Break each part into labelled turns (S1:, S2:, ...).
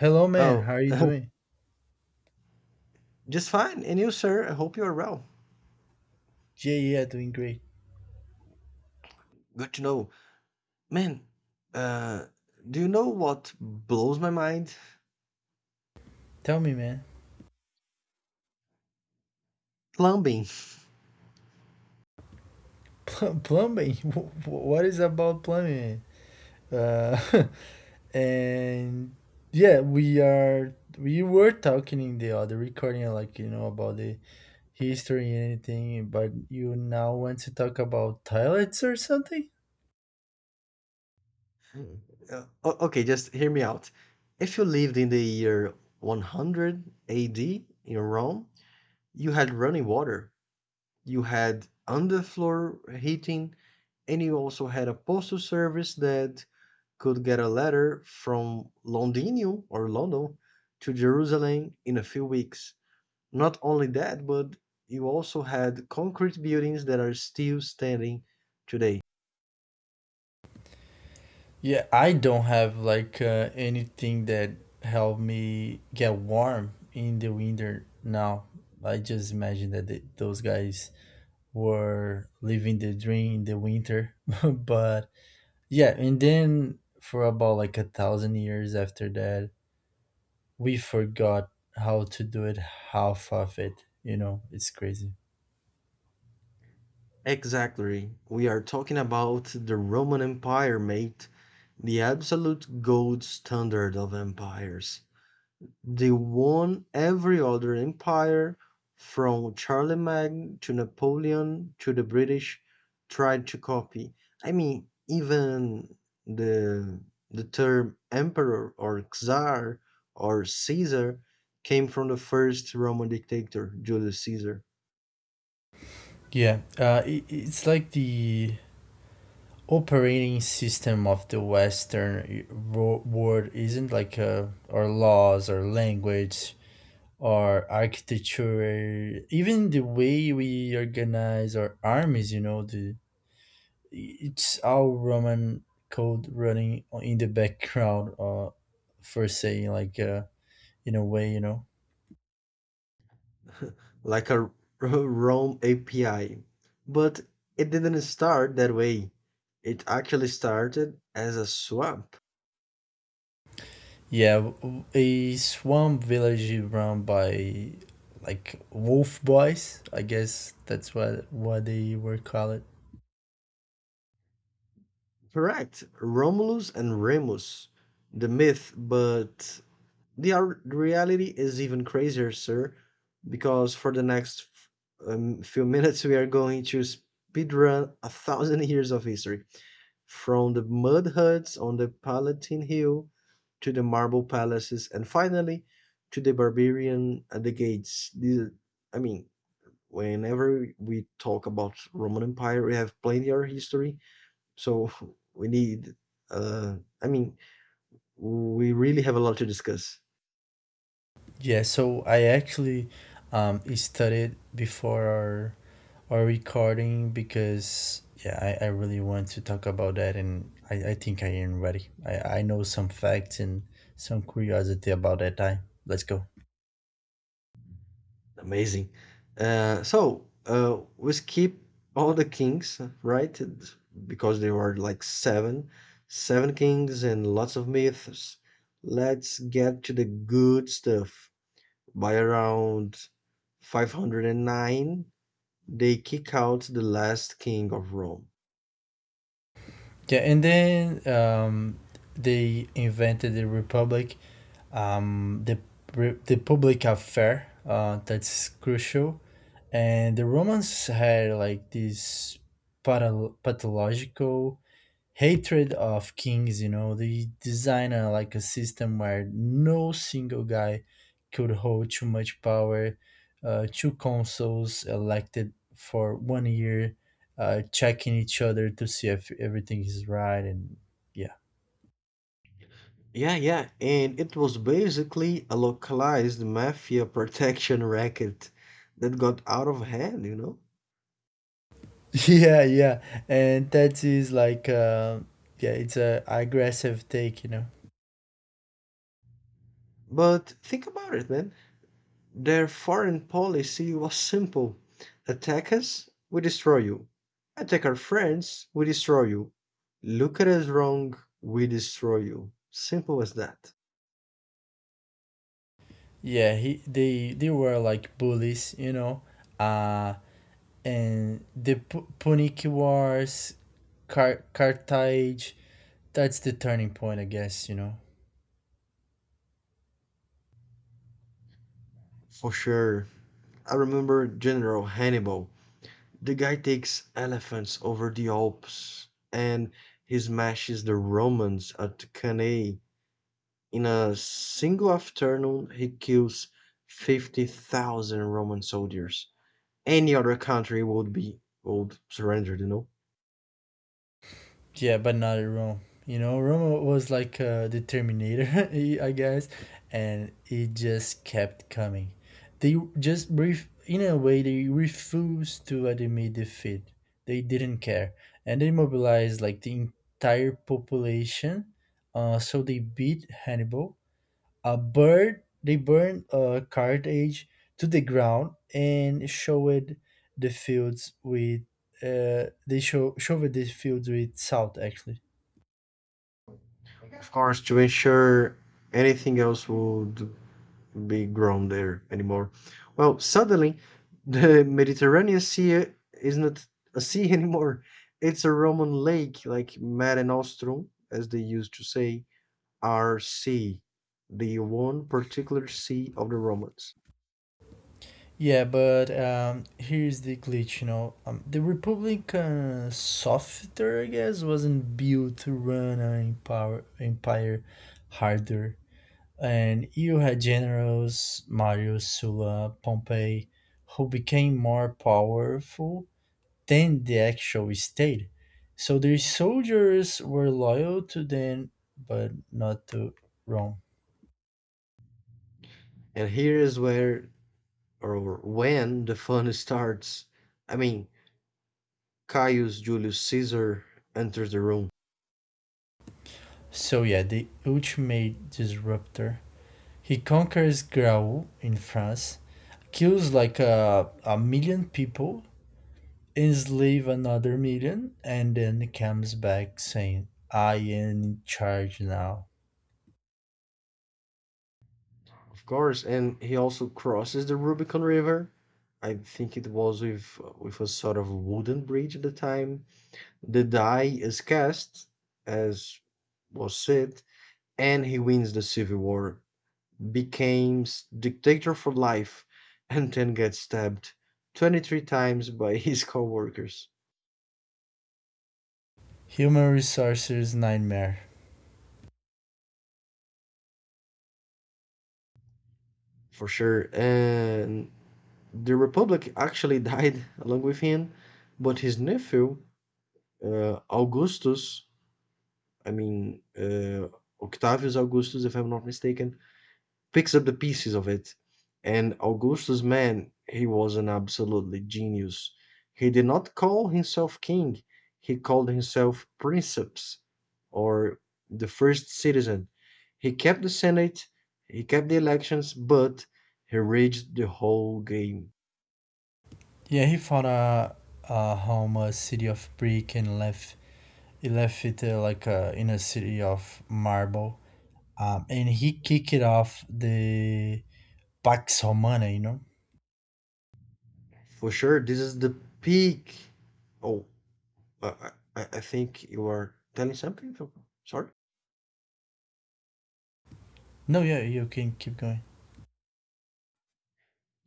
S1: Hello, man. How
S2: Oh,
S1: are you doing?
S2: just fine. And you, sir? I hope you are well.
S1: Yeah, yeah, doing great.
S2: Good to know. Man, uh, do you know what blows my mind?
S1: Tell me, man.
S2: Plumbing.
S1: Plumbing. What is about plumbing? Man? And yeah, we are. We were talking in the other recording, like you know, about the history and anything. But you now want to talk about toilets or something?
S2: Okay, just hear me out. If you lived in the year 100 AD in Rome, you had running water, you had underfloor heating, and you also had a postal service that could get a letter from Londinium or London to Jerusalem in a few weeks. Not only that, but you also had concrete buildings that are still standing today.
S1: Yeah, I don't have like anything that helped me get warm in the winter now. I just imagine that those guys were living the dream in the winter but yeah, and then for about like a thousand years after that, we forgot how to do it, half of it, you know. It's crazy.
S2: Exactly. We are talking about the Roman Empire, mate. The absolute gold standard of empires. They won every other empire, from Charlemagne to Napoleon to the British tried to copy. I mean, even the the term emperor or czar or Caesar came from the first Roman dictator, Julius Caesar,
S1: Yeah, it's like the operating system of the world, isn't like, uh, our laws, our language, our architecture, even the way we organize our armies, you know. The It's our Roman code in the background, for saying like, in a way, you know.
S2: like a Rome API. But it didn't start that way. It actually started as a swap.
S1: Yeah, a swamp village is run by like wolf boys. I guess that's what they were called.
S2: Correct. Romulus and Remus, the myth, but the reality is even crazier, sir, because for the next few minutes we are going to speedrun 1,000 years of history, from the mud huts on the Palatine Hill to the marble palaces, and finally to the barbarian at the gates. These, I mean, whenever we talk about Roman Empire, we have plenty of history so we need. Uh, I mean, we really have a lot to discuss.
S1: Yeah, so I actually studied before our recording because yeah, I really want to talk about that, and I think I am ready. I know some facts and some curiosity about that time. Let's go.
S2: Amazing. So we skip all the kings, right? It's because there were like seven kings and lots of myths. Let's get to the good stuff. By around 509, they kick out the last king of Rome.
S1: Yeah, and then they invented the Republic, the the public affair. That's crucial, and the Romans had like this pathological hatred of kings, you know. They design a, like a system where no single guy could hold too much power. Uh, two consuls elected for 1 year, checking each other to see if everything is right. And yeah.
S2: Yeah, yeah, and it was basically a localized mafia protection racket that got out of hand, you know?
S1: Yeah, yeah. And that is like, yeah, it's a aggressive take, you know.
S2: But think about it, man. Their foreign policy was simple attack us, we destroy you. Attack our friends, we destroy you. Look at us wrong, we destroy you. Simple as that.
S1: Yeah, he they were like bullies, you know. Uh, and the Punic Wars, Carthage. That's the turning point, I guess. You know.
S2: For sure. I remember General Hannibal. The guy takes elephants over the Alps and he smashes the Romans at Cannae. In a single afternoon, he kills 50,000 Roman soldiers. Any other country would surrender, you know.
S1: Yeah, but not Rome. You know, Rome was like, the Terminator, I guess, and it just kept coming. They just brief in a way they refused to admit defeat. They didn't care, and they mobilized like the entire population. So they beat Hannibal. A bird they burn a cartage to the ground and showed the fields with they show showed the fields with salt actually.
S2: Of course, to ensure anything else would be grown there anymore. Well, suddenly, the Mediterranean Sea is not a sea anymore. It's a Roman lake, like Mare Nostrum, as they used to say, our sea, the one particular sea of the Romans.
S1: Yeah, but here's the glitch. You know, the Republican software, I guess, wasn't built to run an empire harder. And you had generals Marius, Sulla, Pompey, who became more powerful than the actual state. So their soldiers were loyal to them, but not to Rome.
S2: And here is where or when the fun starts. I mean, Caius Julius Caesar enters the room.
S1: So yeah, the ultimate disruptor. He conquers Graul in France, kills like a million people, enslave another million, and then comes back saying, I am in charge now.
S2: Of course, and he also crosses the Rubicon River. I think it was with a sort of wooden bridge at the time. The die is cast, as was said, and he wins the civil war, becomes dictator for life, and then gets stabbed 23 times by his co-workers,
S1: Human resources nightmare.
S2: for sure. And the Republic actually died along with him, but his nephew, Augustus, I mean, Octavius Augustus, if I'm not mistaken, picks up the pieces of it. And Augustus, man, he was an absolutely genius. He did not call himself king, he called himself princeps or the first citizen. He kept the Senate, he kept the elections, but he rigged the whole game.
S1: Yeah, he found a home, a city of brick, and left. He left it, in a city of marble, and he kicked it off the Pax Romana. You know?
S2: For sure, this is the peak. Oh, I, I think you are telling something? So, sorry?
S1: No, yeah, you can keep going.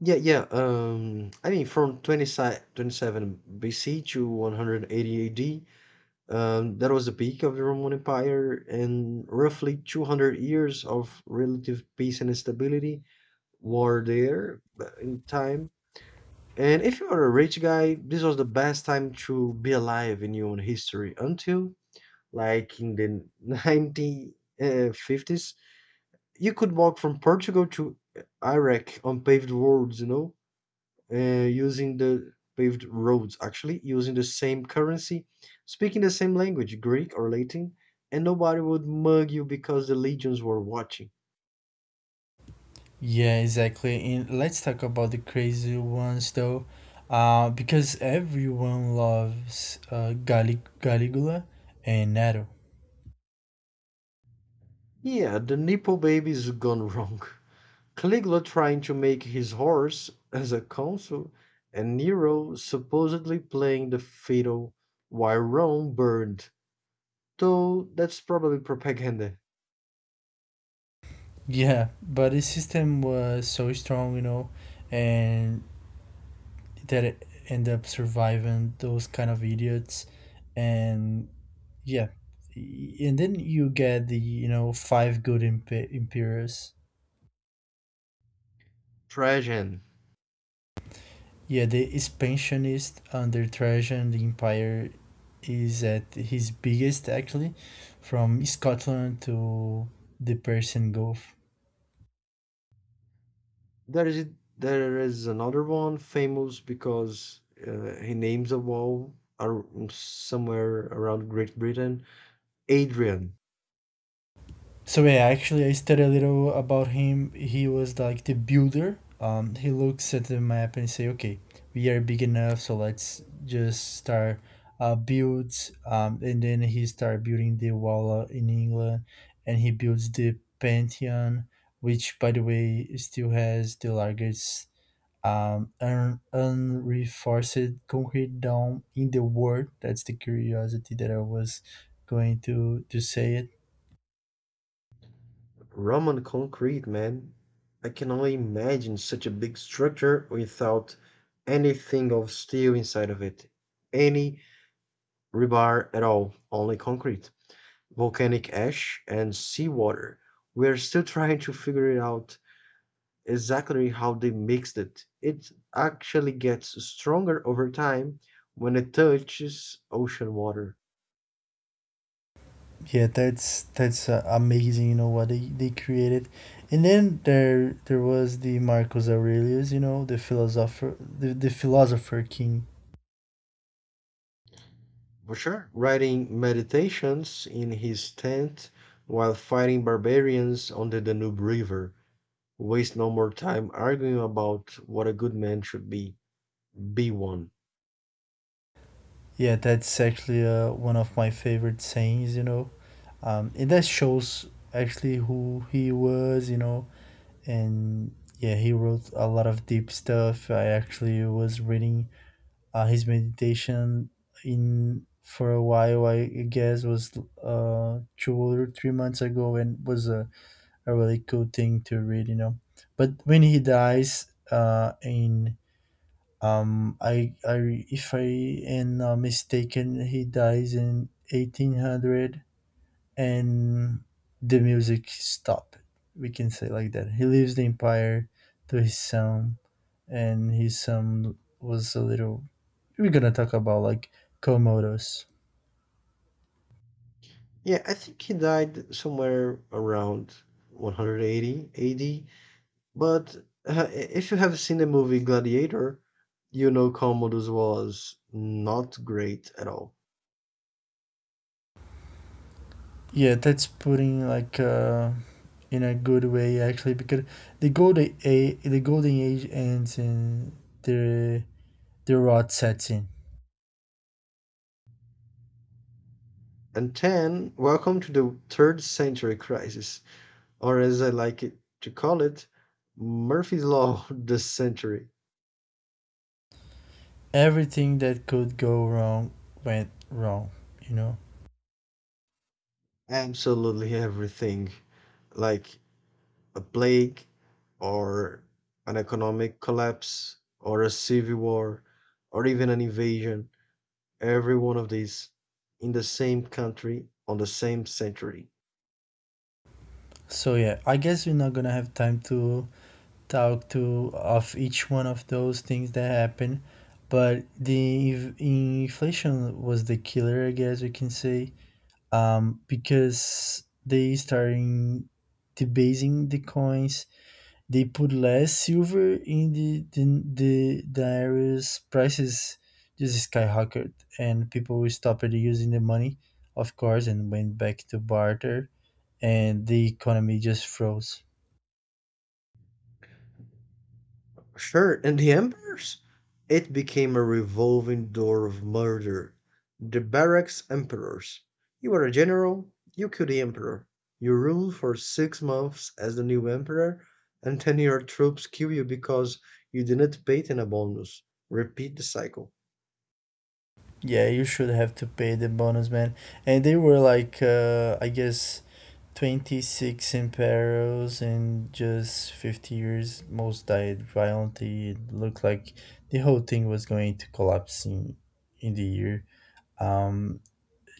S2: Yeah, yeah. I mean, from 27 BC to 180 AD, that was the peak of the Roman Empire and roughly 200 years of relative peace and stability were there in time. And if you are a rich guy, this was the best time to be alive in human history until, like, in the 1950s, you could walk from Portugal to Iraq on paved roads, you know? uh, using the paved roads, actually, using the same currency, speaking the same language, Greek or Latin, and nobody would mug you because the legions were watching.
S1: Yeah, exactly. And let's talk about the crazy ones though, because everyone loves, Caligula and Nero.
S2: Yeah, the nipple baby's gone wrong. Caligula trying to make his horse as a consul, and Nero supposedly playing the fiddle while Rome burned. Though that's probably propaganda.
S1: Yeah, but his system was so strong, you know, and that it ended up surviving those kind of idiots. And yeah, and then you get the, you know, five good emperors.
S2: Trajan.
S1: Yeah, the expansionist under Trajan, the empire is at his biggest actually, from Scotland to the Persian Gulf.
S2: There is there is another one famous because he names a wall somewhere around Great Britain. Adrian.
S1: So yeah, actually, I studied a little about him. He was like the builder. He looks at the map and say, "Okay, we are big enough, so let's just start, builds." And then he start building the wall, in England, and he builds the Pantheon, which, by the way, still has the largest, unreinforced concrete dome in the world. That's the curiosity that I was going to say it.
S2: Roman concrete, man. I can only imagine such a big structure without anything of steel inside of it, any rebar at all, only concrete, volcanic ash, and seawater. We are still trying to figure it out exactly how they mixed it. It actually gets stronger over time when it touches ocean water.
S1: Yeah, that's amazing. You know what they created. And then there was the Marcus Aurelius. You know, the philosopher, the philosopher king.
S2: For sure. Writing meditations in his tent while fighting barbarians on the Danube River. Waste no more time arguing about what a good man should be. Be one.
S1: Yeah, that's actually, one of my favorite sayings. You know, and that shows actually who he was. You know, and yeah, he wrote a lot of deep stuff. I actually was reading, his meditation in for a while, I guess was 2 or 3 months ago, and was a really cool thing to read, you know. But when he dies, in I if I am not mistaken, he dies in 1800, and the music stopped. We can say like that. He leaves the empire to his son, and his son was a little. We're gonna talk about like Komodos.
S2: Yeah, I think he died somewhere around 180 AD. But if you have seen the movie Gladiator, you know Commodus was not great at all.
S1: Yeah, that's putting like, in a good way actually, because the golden age ends in the the rot sets in.
S2: And 10, welcome to the third century crisis, or as I like it to call it, Murphy's Law this century.
S1: Everything that could go wrong went wrong. You know.
S2: Absolutely everything, like a plague, or an economic collapse, or a civil war, or even an invasion, every one of these in the same country on the same century.
S1: So yeah, I guess we're not gonna have time to talk to of each one of those things that happen. But the inflation was the killer, I guess we can say. Um, because they starting debasing the coins, they put less silver in the areas, prices just skyrocketed and people stopped using the money, of course, and went back to barter, and the economy just froze.
S2: Sure, and the emperors? It became a revolving door of murder. The barracks emperors. You were a general, you killed the emperor. You ruled for 6 months as the new emperor, and then your troops kill you because you didn't pay them a bonus. Repeat the cycle.
S1: Yeah, you should have to pay the bonus, man. And they were like, I guess, 26 imperos in just 50 years. Most died violently. It looked like the whole thing was going to collapse in the year. Um,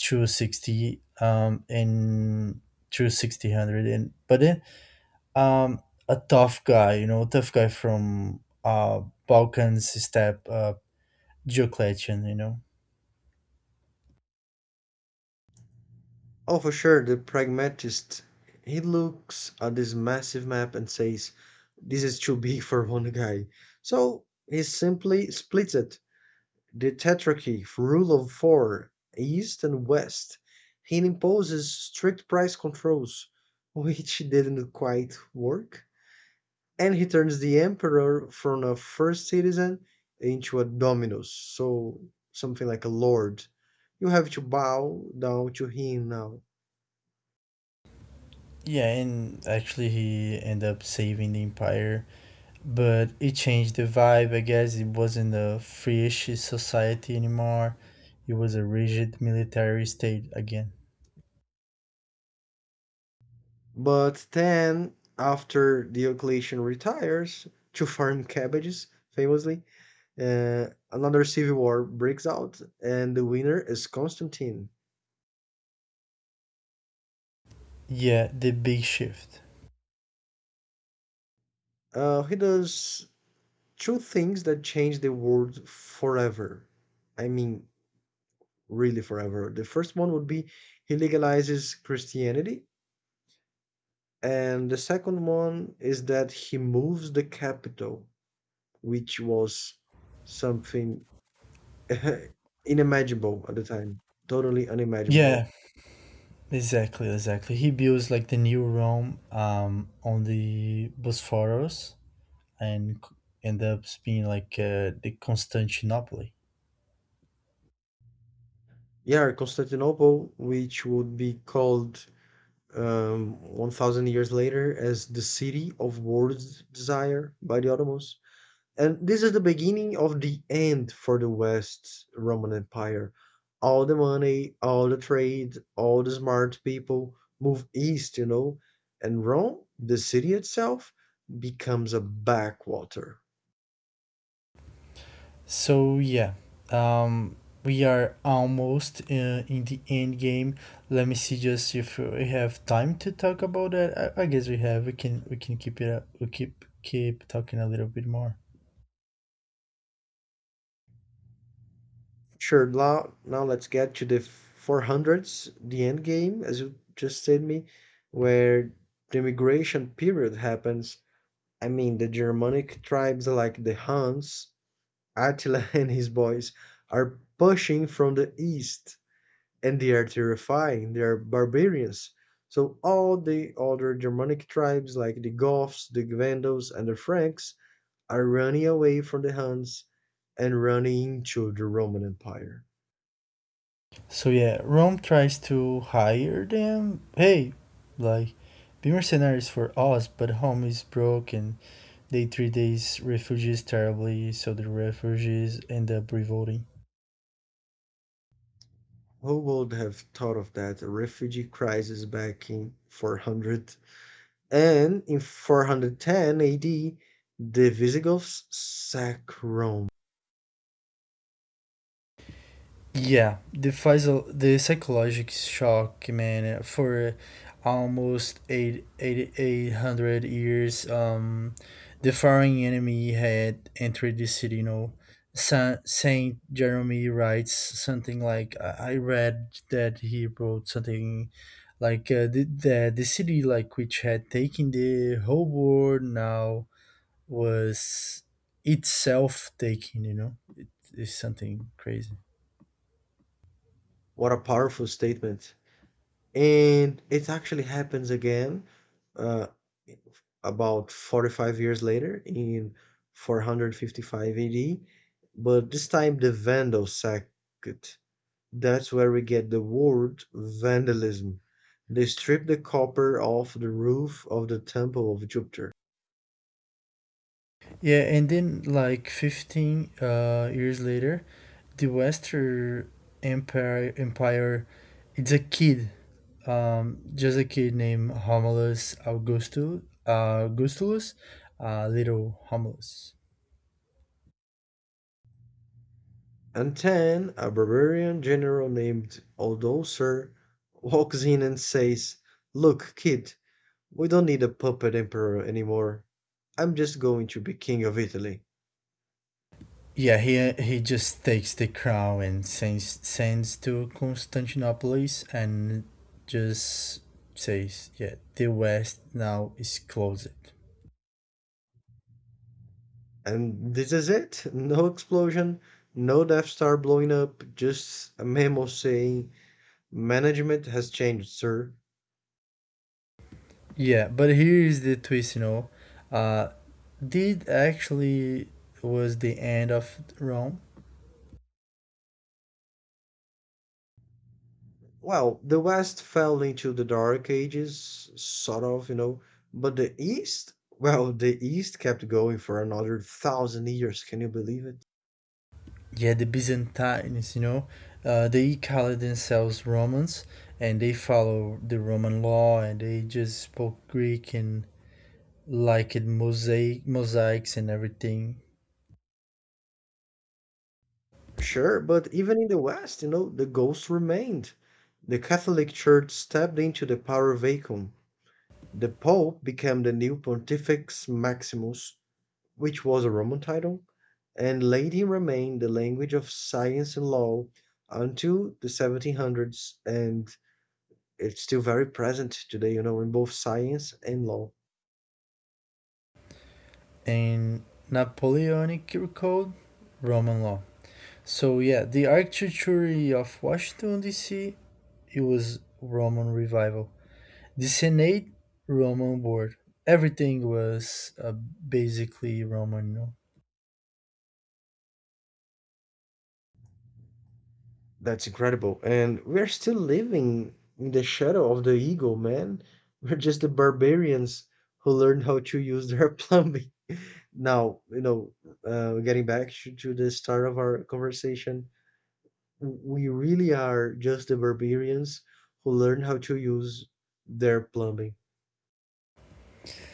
S1: through 60, and through 1600. And, but then, um, a tough guy, you know, tough guy from, Balkans step, Diocletian, you know.
S2: Oh, for sure, the pragmatist. He looks at this massive map and says, "This is too big for one guy." So he simply splits it. The tetrarchy, rule of four, east and west. He imposes strict price controls, which didn't quite work, and he turns the emperor from a first citizen into a dominus, so something like a lord. You have to bow down to him now.
S1: Yeah, and actually he ended up saving the empire, but it changed the vibe. I guess it wasn't a free-ish society anymore. It was a rigid military state again.
S2: But then, after Diocletian retires to farm cabbages, famously, another civil war breaks out, and the winner is Constantine.
S1: Yeah, the big shift.
S2: He does two things that change the world forever. I mean, really forever. The first one would be he legalizes Christianity, and the second one is that he moves the capital, which was something unimaginable at the time, totally unimaginable.
S1: Yeah, exactly. He builds like the new Rome on the Bosphorus and end up being like, the Constantinople.
S2: Yeah, Constantinople, which would be called 1,000 years later as the city of world's desire by the Ottomans. And this is the beginning of the end for the West's Roman Empire. All the money, all the trade, all the smart people move east, you know, and Rome, the city itself, becomes a backwater.
S1: So yeah, um, we are almost, in the end game. Let me see just if we have time to talk about that. I guess we have. We can keep it up. We keep talking a little bit more.
S2: Sure. Now, let's get to the 400s, the end game, as you just said me, where the migration period happens. I mean, the Germanic tribes like the Huns, Attila and his boys are pushing from the east, and they are terrifying. They are barbarians. So all the other Germanic tribes like the Goths, the Vandals, and the Franks are running away from the Huns and running into the Roman Empire.
S1: So yeah, Rome tries to hire them. Hey, like, be mercenaries for us, but home is broken. They treat these refugees terribly, so the refugees end up revolting.
S2: Who would have thought of that? A refugee crisis back in 400. And in 410 AD, the Visigoths sack Rome.
S1: Yeah, the the psychological shock, man, for almost 800 years, the foreign enemy had entered the city, you know. Saint Jeremy writes something like, I read that he wrote something like, the city like which had taken the whole world now was itself taking, you know. It is something crazy.
S2: What a powerful statement. And it actually happens again uh, about 45 years later in 455 AD, but this time the Vandals sacked. That's where we get the word vandalism. They stripped the copper off the roof of the temple of Jupiter.
S1: Yeah, and then like 15 years later, the Western Empire, it's a kid, just a kid named Homulus Augustus, Augustulus, little Homulus.
S2: And then a barbarian general named Odoacer walks in and says, "Look, kid, we don't need a puppet emperor anymore. I'm just going to be king of Italy."
S1: Yeah, he just takes the crown and sends to Constantinople, and just says, yeah, the West now is closed.
S2: And this is it. No explosion, no Death Star blowing up, just a memo saying, "Management has changed, sir."
S1: Yeah, but here's the twist, you know. Uh, did actually was the end of Rome.
S2: Well, the West fell into the Dark Ages, sort of, you know, but the East, well, the East kept going for another 1,000 years. Can you believe it?
S1: Yeah, the Byzantines, you know, they call themselves Romans, and they follow the Roman law, and they just spoke Greek, and like it mosaics and everything.
S2: Sure, but even in the West, you know, the ghost remained. The Catholic Church stepped into the power vacuum. The Pope became the new Pontifex Maximus, which was a Roman title, and Latin remained the language of science and law until the 1700s. And it's still very present today, you know, in both science and law.
S1: And Napoleonic code, Roman law. So yeah, the architecture of Washington D.C., it was Roman revival. The Senate, Roman board. Everything was, basically Roman, you know.
S2: That's incredible. And we're still living in the shadow of the eagle, man. We're just the barbarians who learned how to use their plumbing. Now, you know, getting back to the start of our conversation, we really are just the barbarians who learned how to use their plumbing.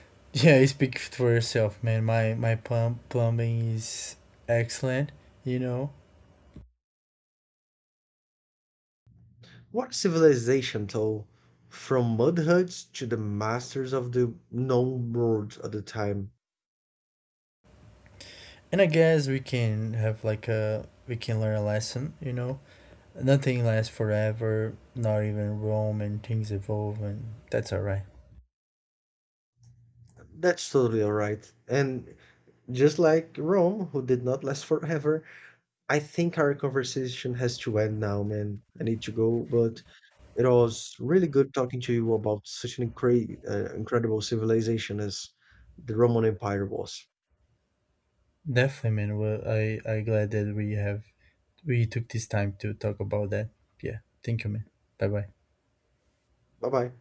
S1: Yeah, speak for yourself, man. My plumbing is excellent, you know.
S2: What civilization, though, from mud huts to the masters of the known world at the time.
S1: And I guess we can have like a we can learn a lesson, you know. Nothing lasts forever. Not even Rome, and things evolve, and that's alright.
S2: That's totally alright. And just like Rome, who did not last forever, I think our conversation has to end now, man. I need to go, but it was really good talking to you about such an incredible civilization as the Roman Empire was.
S1: Definitely, man. Well, I glad that we have we took this time to talk about that. Yeah, thank you, man. Bye bye.
S2: Bye bye.